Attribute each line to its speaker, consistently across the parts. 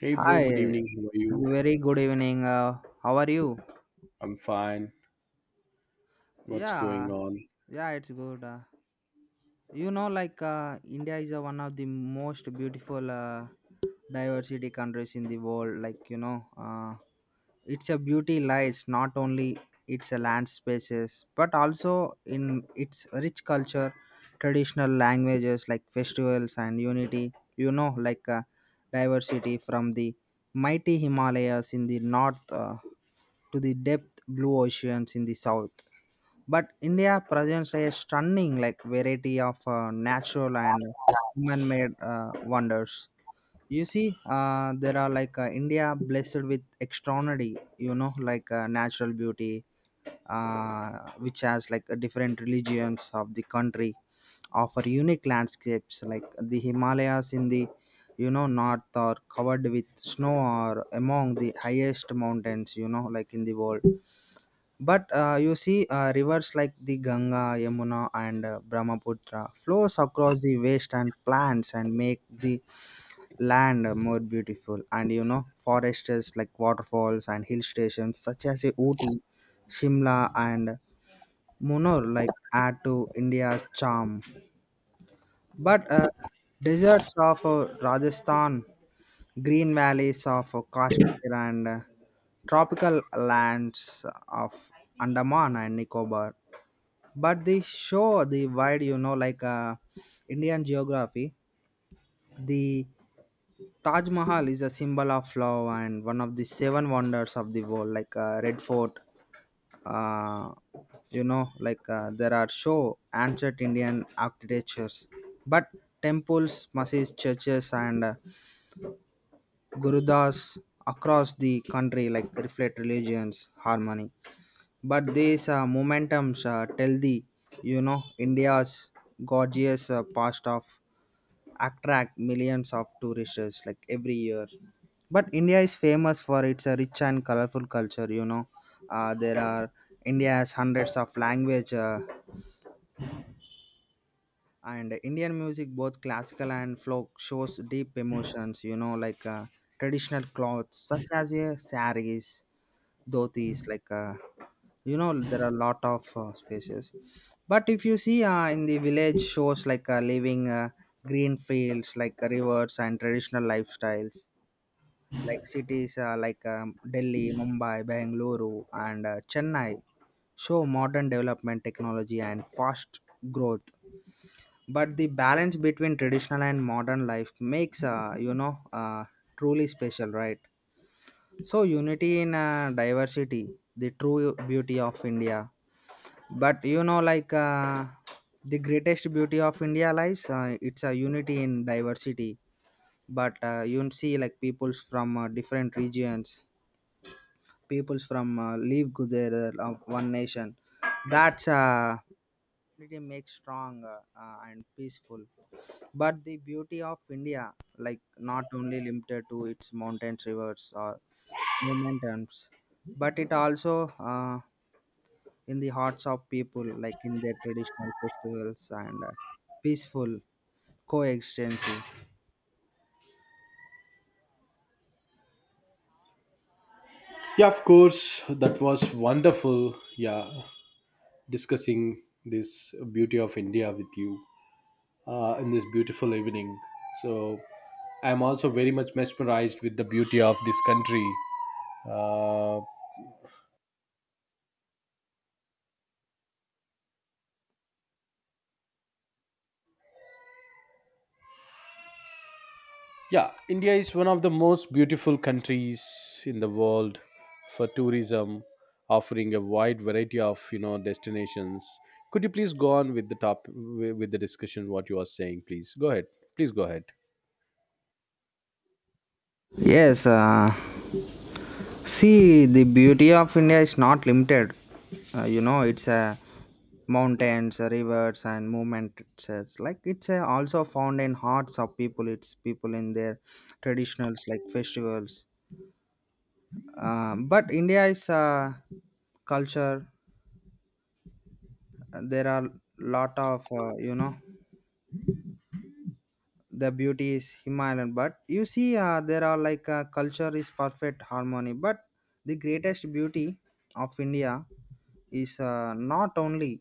Speaker 1: Hey bro, good
Speaker 2: Hi,
Speaker 1: evening. How are you?
Speaker 2: very good evening. How are you?
Speaker 1: I'm fine. What's
Speaker 2: Yeah,
Speaker 1: going on?
Speaker 2: yeah, it's good. India is one of the most beautiful diversity countries in the world. Like you know, it's a beauty lies not only its land spaces but also in its rich culture, traditional languages like festivals and unity. Diversity from the mighty Himalayas in the north. To the depth blue oceans in the south. But India presents a stunning like variety of natural and human-made wonders. You see, there are India blessed with extraordinary, natural beauty, uh, which has different religions of the country offer unique landscapes like the Himalayas in the, you know, north are covered with snow or among the highest mountains, you know, like in the world. But you see, rivers like the Ganga, Yamuna, and Brahmaputra flows across the waste and plants and make the land more beautiful. And you know, forests like waterfalls and hill stations such as Ooty, Shimla, and Munor like add to India's charm. But deserts of Rajasthan, green valleys of Kashmir, and tropical lands of Andaman and Nicobar, but they show the wide, you know, Indian geography. The Taj Mahal is a symbol of love and one of the seven wonders of the world, like Red Fort. uh, there are show ancient Indian architectures. But temples, mosques, churches, and gurudas across the country like reflect religions harmony. But these momentums tell the, you know, India's gorgeous past of attract millions of tourists like every year. But India is famous for its rich and colorful culture. You know, there are India has hundreds of language. And Indian music, both classical and folk, shows deep emotions, traditional clothes such as a saris, dhotis, you know, there are a lot of spaces. But if you see, in the village shows living, green fields, like rivers and traditional lifestyles, like cities like Delhi, Mumbai, Bengaluru, and Chennai show modern development, technology, and fast growth. But the balance between traditional and modern life makes, truly special, right? So unity in diversity, the true beauty of India. But the greatest beauty of India lies it's a unity in diversity. But you will see like peoples from different regions, peoples from live together of one nation. That's responsibility makes strong and peaceful. But the beauty of India, like, not only limited to its mountains, rivers, or momentums, but it also, uh, in the hearts of people, like in their traditional festivals and peaceful coexistence.
Speaker 1: Yeah, of course. That was wonderful. Yeah, discussing this beauty of India with you in this beautiful evening. So I'm also very much mesmerized with the beauty of this country. Uh, Yeah, India is one of the most beautiful countries in the world for tourism, offering a wide variety of destinations. Could you please go on with with the discussion? What you are saying, please go ahead. Please go ahead.
Speaker 2: Yes, see, the beauty of India is not limited. You know, it's mountains, rivers, and movement. It's like it's also found in hearts of people. It's people in their traditionals, like festivals. But India is a culture. There are lot of the beauty is Himalayan. But you see, there are culture is perfect harmony. But the greatest beauty of India is not only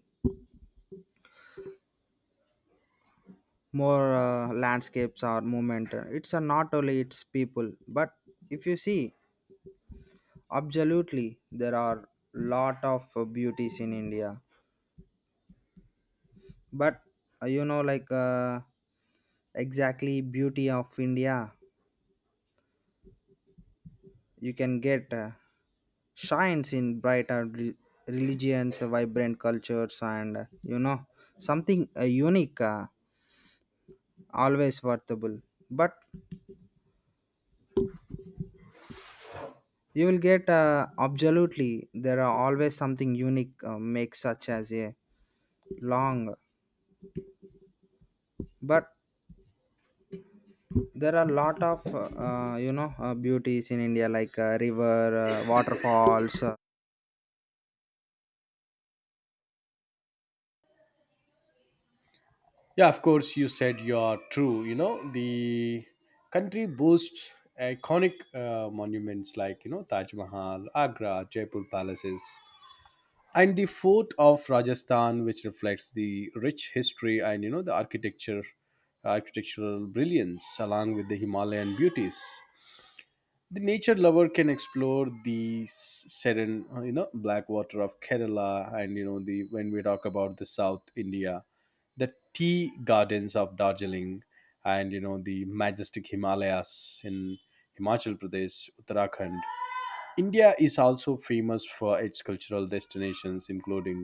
Speaker 2: more landscapes or movement. It's not only its people, but if you see, absolutely there are lot of beauties in India. But uh, you know, like uh, exactly beauty of India, you can get. Shines in brighter religions, vibrant cultures, and something unique, always worthable. But you will get absolutely there are always something unique makes such as a long. But there are a lot of beauties in India like river, waterfalls,
Speaker 1: Yeah, of course, you said you are true. You know the country boasts iconic monuments like you know Taj Mahal, Agra, Jaipur palaces, and the fort of Rajasthan, which reflects the rich history and you know the architecture architectural brilliance along with the Himalayan beauties. The nature lover can explore serene, you know, black water of Kerala, and you know, the when we talk about the South India, the tea gardens of Darjeeling, and you know the majestic Himalayas in Himachal Pradesh, Uttarakhand. India is also famous for its cultural destinations, including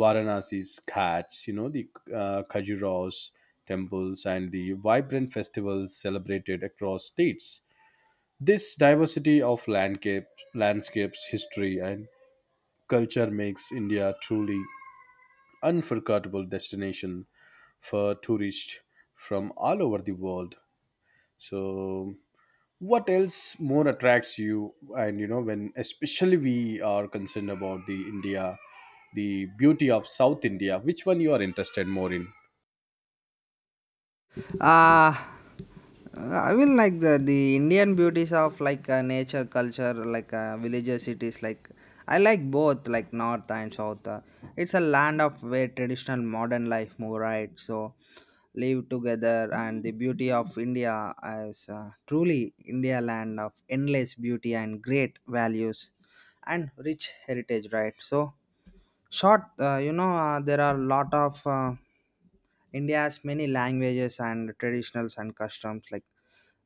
Speaker 1: Varanasi's Ghats, you know, the Khajuraho's temples, and the vibrant festivals celebrated across states. This diversity of landscapes, history, and culture makes India truly unforgettable destination for tourists from all over the world. So what else more attracts you, and you know, when especially we are concerned about the India, the beauty of South India, which one you are interested more in?
Speaker 2: uh I will like the Indian beauties of nature, culture, like villages, cities. Like I like both, like north and south. It's a land of where traditional modern life move, right? So live together, and the beauty of India is truly India, land of endless beauty and great values and rich heritage, right? So short, there are a lot of India has many languages and traditionals and customs, like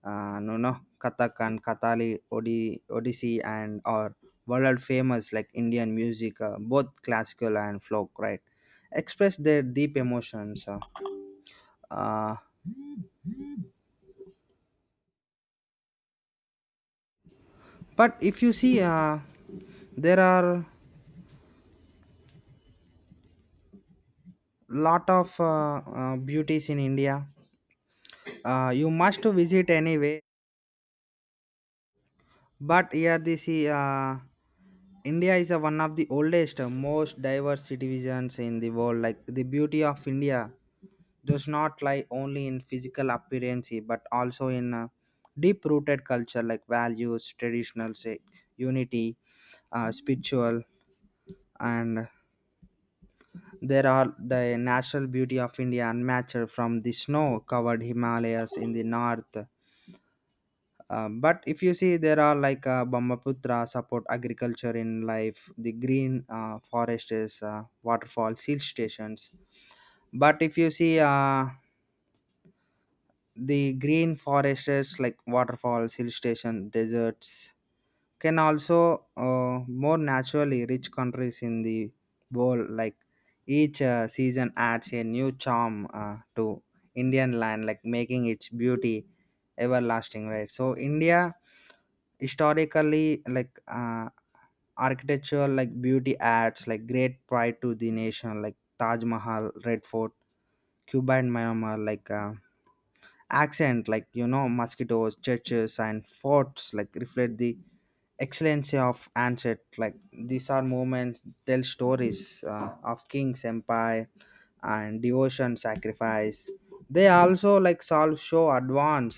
Speaker 2: no no Kathak and Kathali Odi, Odissi, and or world famous, like Indian music, both classical and folk, right? Express their deep emotions. Uh, but if you see, there are lot of beauties in India. You must to visit anyway. But here this India is a one of the oldest, most diverse civilizations in the world. Like the beauty of India does not lie only in physical appearance, but also in a deep-rooted culture, like values, traditional say, unity, spiritual, and there are the natural beauty of India unmatched from the snow-covered Himalayas in the north. But if you see, there are Brahmaputra support agriculture in life, the green forests, waterfalls, hill stations. But if you see, the green forests, like waterfalls, hill station, deserts, can also more naturally rich countries in the world. Like each season adds a new charm to Indian land, like making its beauty everlasting, right? So India historically, architectural, like beauty adds like great pride to the nation, like Taj Mahal, Red Fort, Cuba and Myanmar, accent, like you know, mosquitoes, churches and forts like reflect the excellency of ancient. Like these are moments tell stories of kings, empire, and devotion, sacrifice. They also like solve show advance.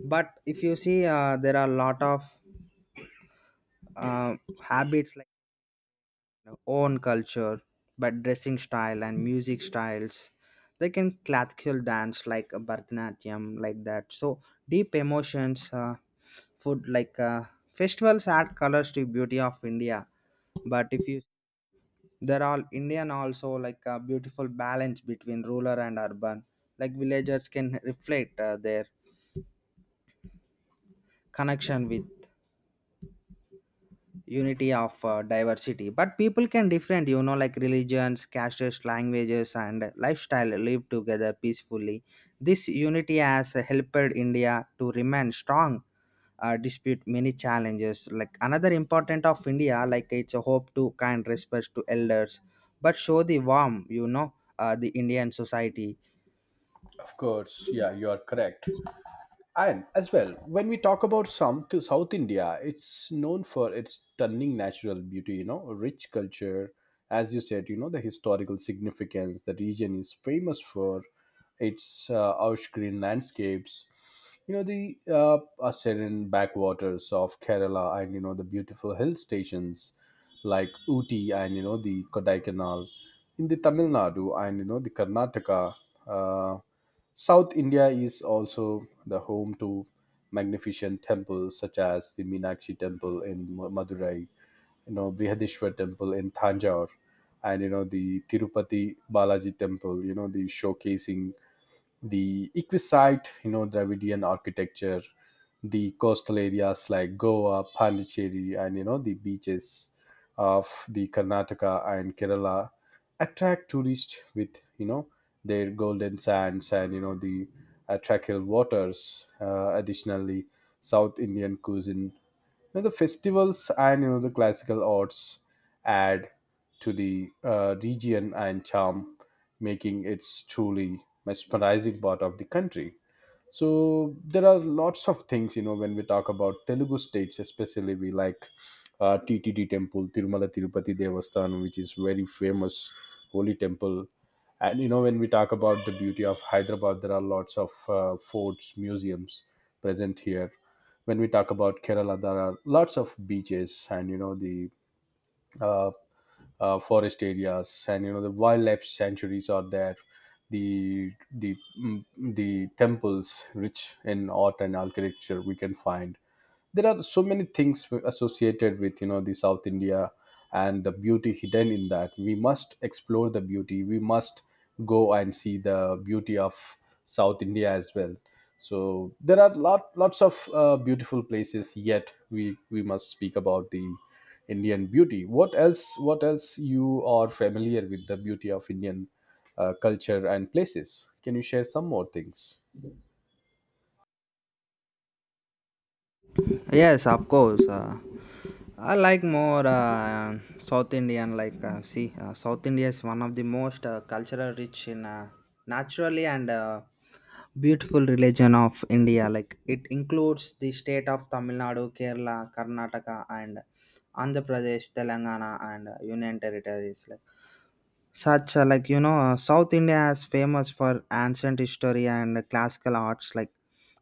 Speaker 2: But if you see, there are a lot of uh, habits like, know, own culture, but dressing style and music styles. They can classical dance like a Bharatanatyam, like that. So deep emotions, food like festivals add colors to beauty of India. But if you, they're all Indian also like a beautiful balance between rural and urban. Like villagers can reflect their connection with unity of diversity. But people can different, you know, like religions, castes, languages, and lifestyle live together peacefully. This unity has helped India to remain strong dispute many challenges. Like another important of India, like it's a hope to kind respect to elders, but show the warm, the Indian society.
Speaker 1: Of course, yeah, you are correct. And as well, when we talk about South India, it's known for its stunning natural beauty, you know, rich culture. As you said, you know, the historical significance. The region is famous for its lush green landscapes, you know, the serene backwaters of Kerala, and, you know, the beautiful hill stations like Uti, and, you know, the Kodaikanal in the Tamil Nadu, and, you know, the Karnataka. Uh, South India is also the home to magnificent temples such as the Meenakshi Temple in Madurai, you know, Brihadishwar Temple in Thanjavur, and you know the Tirupati Balaji Temple. You know, the showcasing the Equisite, you know, Dravidian architecture. The coastal areas like Goa, Pondicherry, and you know the beaches of the Karnataka and Kerala attract tourists with you know their golden sands and you know the attractive waters. Additionally, South Indian cuisine, you know, the festivals and you know the classical arts add to the region and charm, making it truly mesmerizing part of the country. So there are lots of things you know when we talk about Telugu states, especially we like TTD temple, Tirumala Tirupati Devasthanam, which is very famous holy temple. And you know when we talk about the beauty of Hyderabad, there are lots of forts, museums present here. When we talk about Kerala, there are lots of beaches, and you know the uh, forest areas, and you know the wildlife sanctuaries are there. The the temples rich in art and architecture we can find. There are so many things associated with you know the South India, and the beauty hidden in that, we must explore the beauty, we must go and see the beauty of South India as well. So there are lots of beautiful places yet. We must speak about the Indian beauty. What else, what else you are familiar with the beauty of Indian culture and places? Can you share some more things?
Speaker 2: Yes, of course. I like more South Indian. Like, see, South India is one of the most cultural rich in naturally and beautiful religion of India. Like, it includes the state of Tamil Nadu, Kerala, Karnataka, and Andhra Pradesh, Telangana, and Union Territories. Like such South India is famous for ancient history and classical arts, like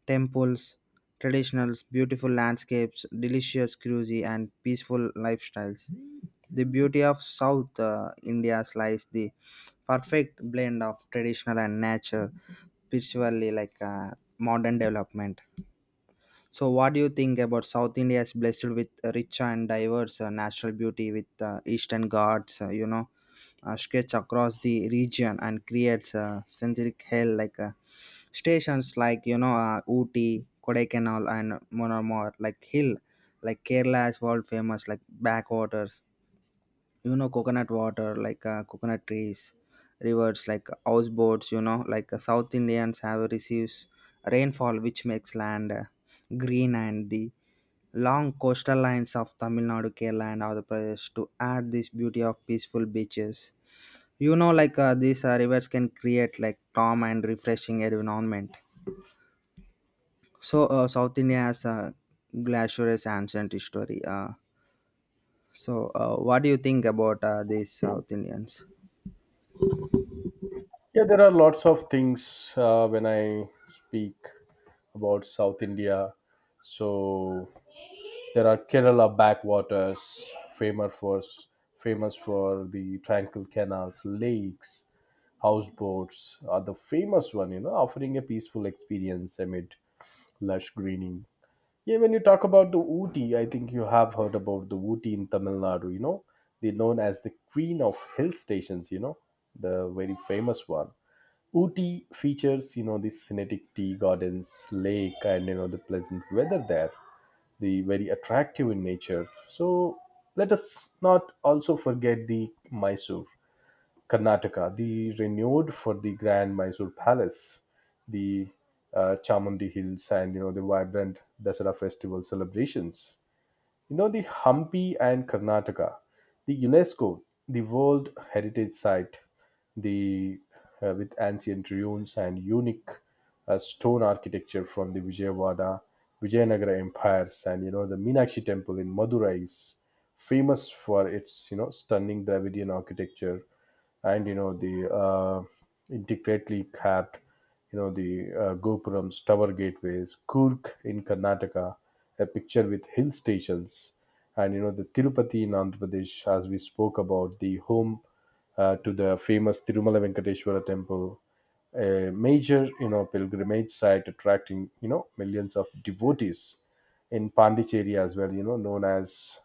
Speaker 2: temples, traditionals, beautiful landscapes, delicious cuisine, and peaceful lifestyles. The beauty of south India lies the perfect blend of traditional and nature, spiritually, modern development. So, what do you think about South India is blessed with rich and diverse natural beauty with Eastern Ghats, stretch across the region and creates synthetic hell, stations like, you know, Ooty, Kodaikanal, and more like hill, like Kerala is world famous, like backwaters, you know, coconut water, coconut trees, rivers like houseboats. South Indians have receives rainfall which makes land green, and the long coastal lines of Tamil Nadu, Kerala, and other places to add this beauty of peaceful beaches. These rivers can create like calm and refreshing environment. So South India has a glacier, ancient history, so what do you think about these South Indians?
Speaker 1: Yeah, there are lots of things when I speak about South India. So there are Kerala backwaters, famous for the tranquil canals, lakes, houseboats are the famous one. You know, offering a peaceful experience amid lush greening. Yeah, when you talk about the Ooty, I think you have heard about the Ooty in Tamil Nadu. You know, they're known as the queen of hill stations. You know, the very famous one. Ooty features, you know, the scenic tea gardens, lake, and you know the pleasant weather there. The very attractive in nature. So let us not also forget the Mysore, Karnataka, the renewed for the Grand Mysore Palace, the Chamundi Hills, and you know the vibrant Dasara festival celebrations. You know the Hampi and Karnataka, the UNESCO, the World Heritage Site, the with ancient ruins and unique stone architecture from the Vijayawada, Vijayanagara empires, and you know the Meenakshi Temple in Madurai is famous for its you know stunning Dravidian architecture, and you know the intricately capped, you know, the gopurams tower gateways. Kurk in Karnataka, a picture with hill stations, and you know the Tirupati in Andhra Pradesh, as we spoke about, the home to the famous Tirumala Venkateshwara Temple, a major you know pilgrimage site attracting you know millions of devotees. In Pondicherry as well, you know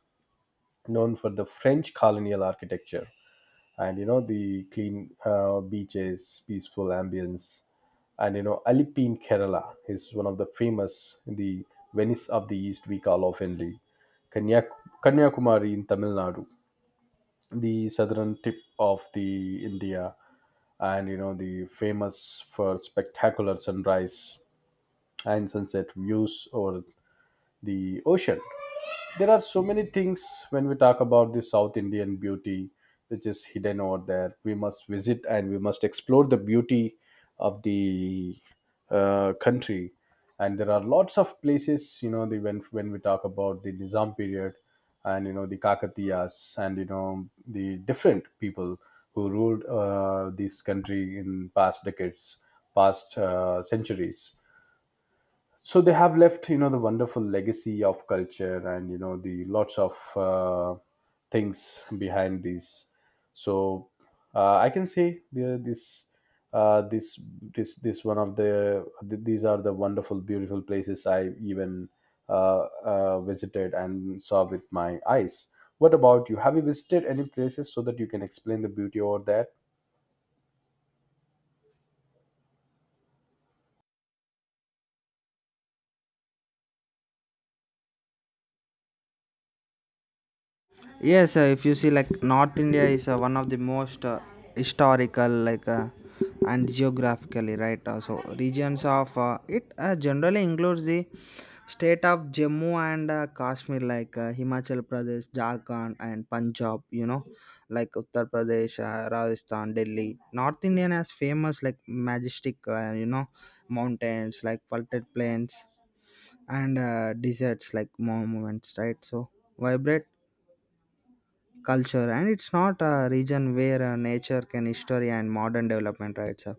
Speaker 1: known for the French colonial architecture, and you know the clean beaches, peaceful ambience, and you know Alippi in Kerala is one of the famous, the Venice of the East we call oftenly. Kanyak- Kanyakumari in Tamil Nadu, the southern tip of the India, and you know the famous for spectacular sunrise and sunset views over the ocean. There are so many things when we talk about the South Indian beauty, which is hidden over there. We must visit and we must explore the beauty of the country. And there are lots of places, you know, when we talk about the Nizam period, and you know the Kakatiyas, and you know the different people who ruled this country in past decades, past centuries. So they have left you know the wonderful legacy of culture, and you know the lots of things behind this. So I can say this uh, this this one of these are the wonderful beautiful places I even visited and saw with my eyes. What about you? Have you visited any places so that you can explain the beauty over there?
Speaker 2: Yes, if you see, like North India is one of the most historical and geographically right, so regions of it generally includes the state of Jammu and Kashmir, Himachal Pradesh, Jharkhand, and Punjab, you know, like Uttar Pradesh, Rajasthan, Delhi. North Indian has famous, like majestic, mountains like vaulted plains and deserts, like monuments, right? So vibrate culture, and it's not a region where nature can history and modern development, right sir?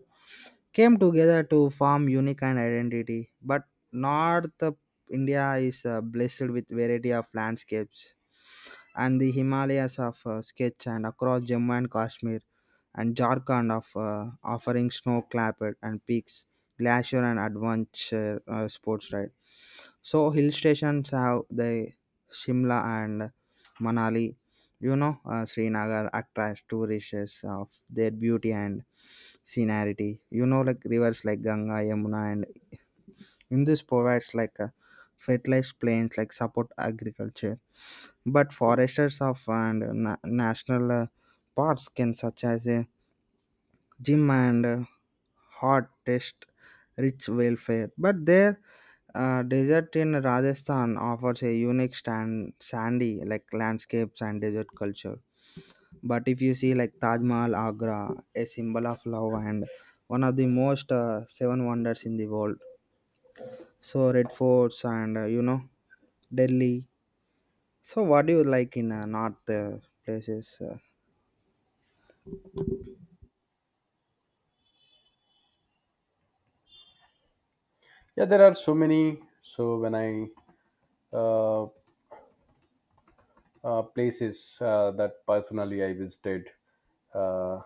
Speaker 2: Came together to form unique and identity. But north India is blessed with variety of landscapes, and the Himalayas of sketch and across Jammu and Kashmir and Jharkhand of offering snow-clad and peaks, glacier, and adventure sports ride. So hill stations have the Shimla and Manali, you know, Srinagar attracts tourists of their beauty and scenery. You know, like rivers like Ganga, Yamuna, and Indus provides like a fertilized plains like support agriculture. But foresters of and national parks can such as a gym and hot test rich welfare. But their desert in Rajasthan offers a unique stand, sandy, like landscapes and desert culture. But if you see, like Taj Mahal, Agra, a symbol of love and one of the most seven wonders in the world. So Red Forts and Delhi. So what do you like in north places?
Speaker 1: Yeah, there are so many. So when I uh, places that personally I visited. Uh,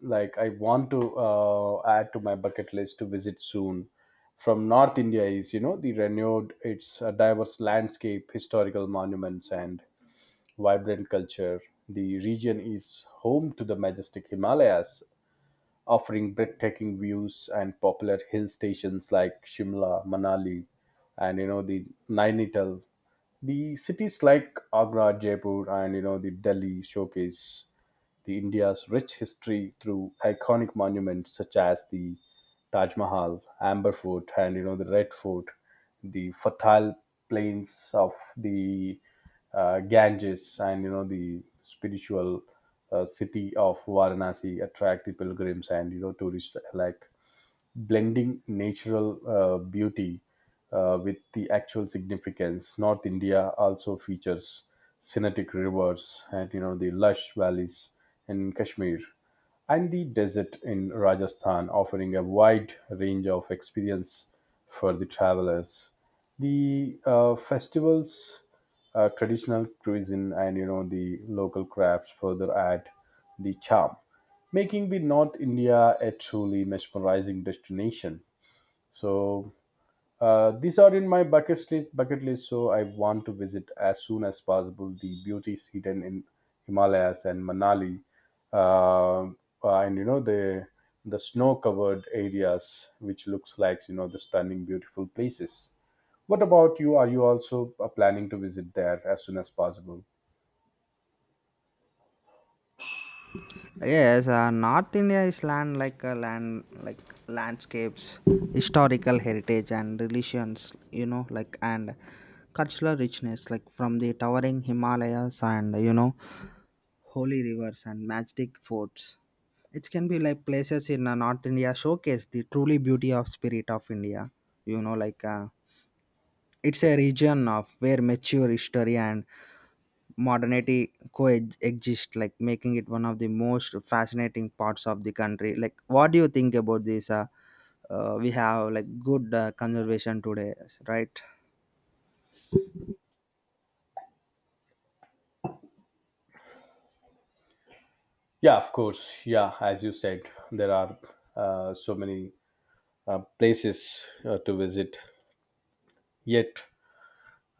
Speaker 1: like I want to add to my bucket list to visit soon. From North India, is you know the renewed its a diverse landscape, historical monuments, and vibrant culture. The region is home to the majestic Himalayas, offering breathtaking views and popular hill stations like Shimla, Manali, and you know the Nainital. The cities like Agra, Jaipur, and you know the Delhi showcase the India's rich history through iconic monuments such as the Taj Mahal, Amber Fort, and you know the Red Fort, the fertile plains of the Ganges, and you know the spiritual city of Varanasi attract the pilgrims and you know tourists alike, blending natural beauty with the actual significance. North India also features scenic rivers and you know the lush valleys in Kashmir, and the desert in Rajasthan, offering a wide range of experience for the travelers. The festivals, traditional cuisine, and you know the local crafts further add the charm, making the North India a truly mesmerizing destination. So these are in my bucket list. Bucket list. So I want to visit as soon as possible the beauties hidden in Himalayas and Manali, uh, uh, and you know the snow-covered areas, which looks like you know the stunning, beautiful places. What about you? Are you also planning to visit there as soon as possible?
Speaker 2: Yes, North India is land like a land like landscapes, historical heritage and religions, you know, like and cultural richness, like from the towering Himalayas, and you know, holy rivers and majestic forts. It can be like places in North India showcase the truly beauty of spirit of India. You know, like uh, it's a region of where mature history and modernity coexist, like making it one of the most fascinating parts of the country. Like what do you think about this, we have like good conservation today, right?
Speaker 1: Yeah, of course. Yeah, as you said, there are so many places to visit yet.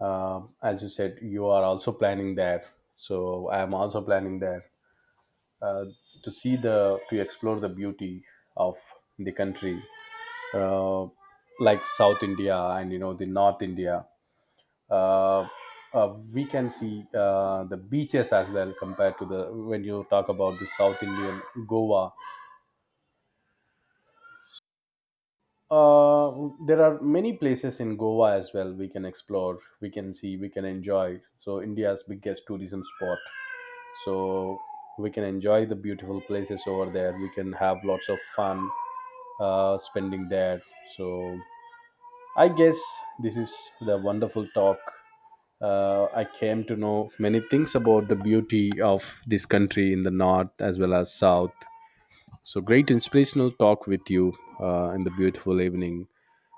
Speaker 1: As you said, you are also planning there, so I am also planning there, uh, to see the to explore the beauty of the country, uh, like South India and you know the North India. uh, we can see the beaches as well, compared to the when you talk about the South Indian Goa. There are many places in Goa as well we can explore, we can see, we can enjoy. So, India's biggest tourism spot. So, we can enjoy the beautiful places over there. We can have lots of fun spending there. So, I guess this is the wonderful talk. I came to know many things about the beauty of this country in the north as well as south. So, great inspirational talk with you in the beautiful evening.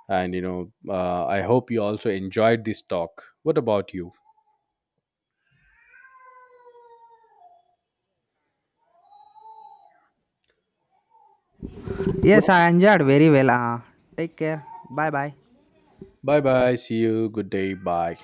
Speaker 1: And, you know, I hope you also enjoyed this talk. What about you? What?
Speaker 2: Yes, I enjoyed very well. Take care, bye bye.
Speaker 1: Bye bye. See you. Good day. Bye.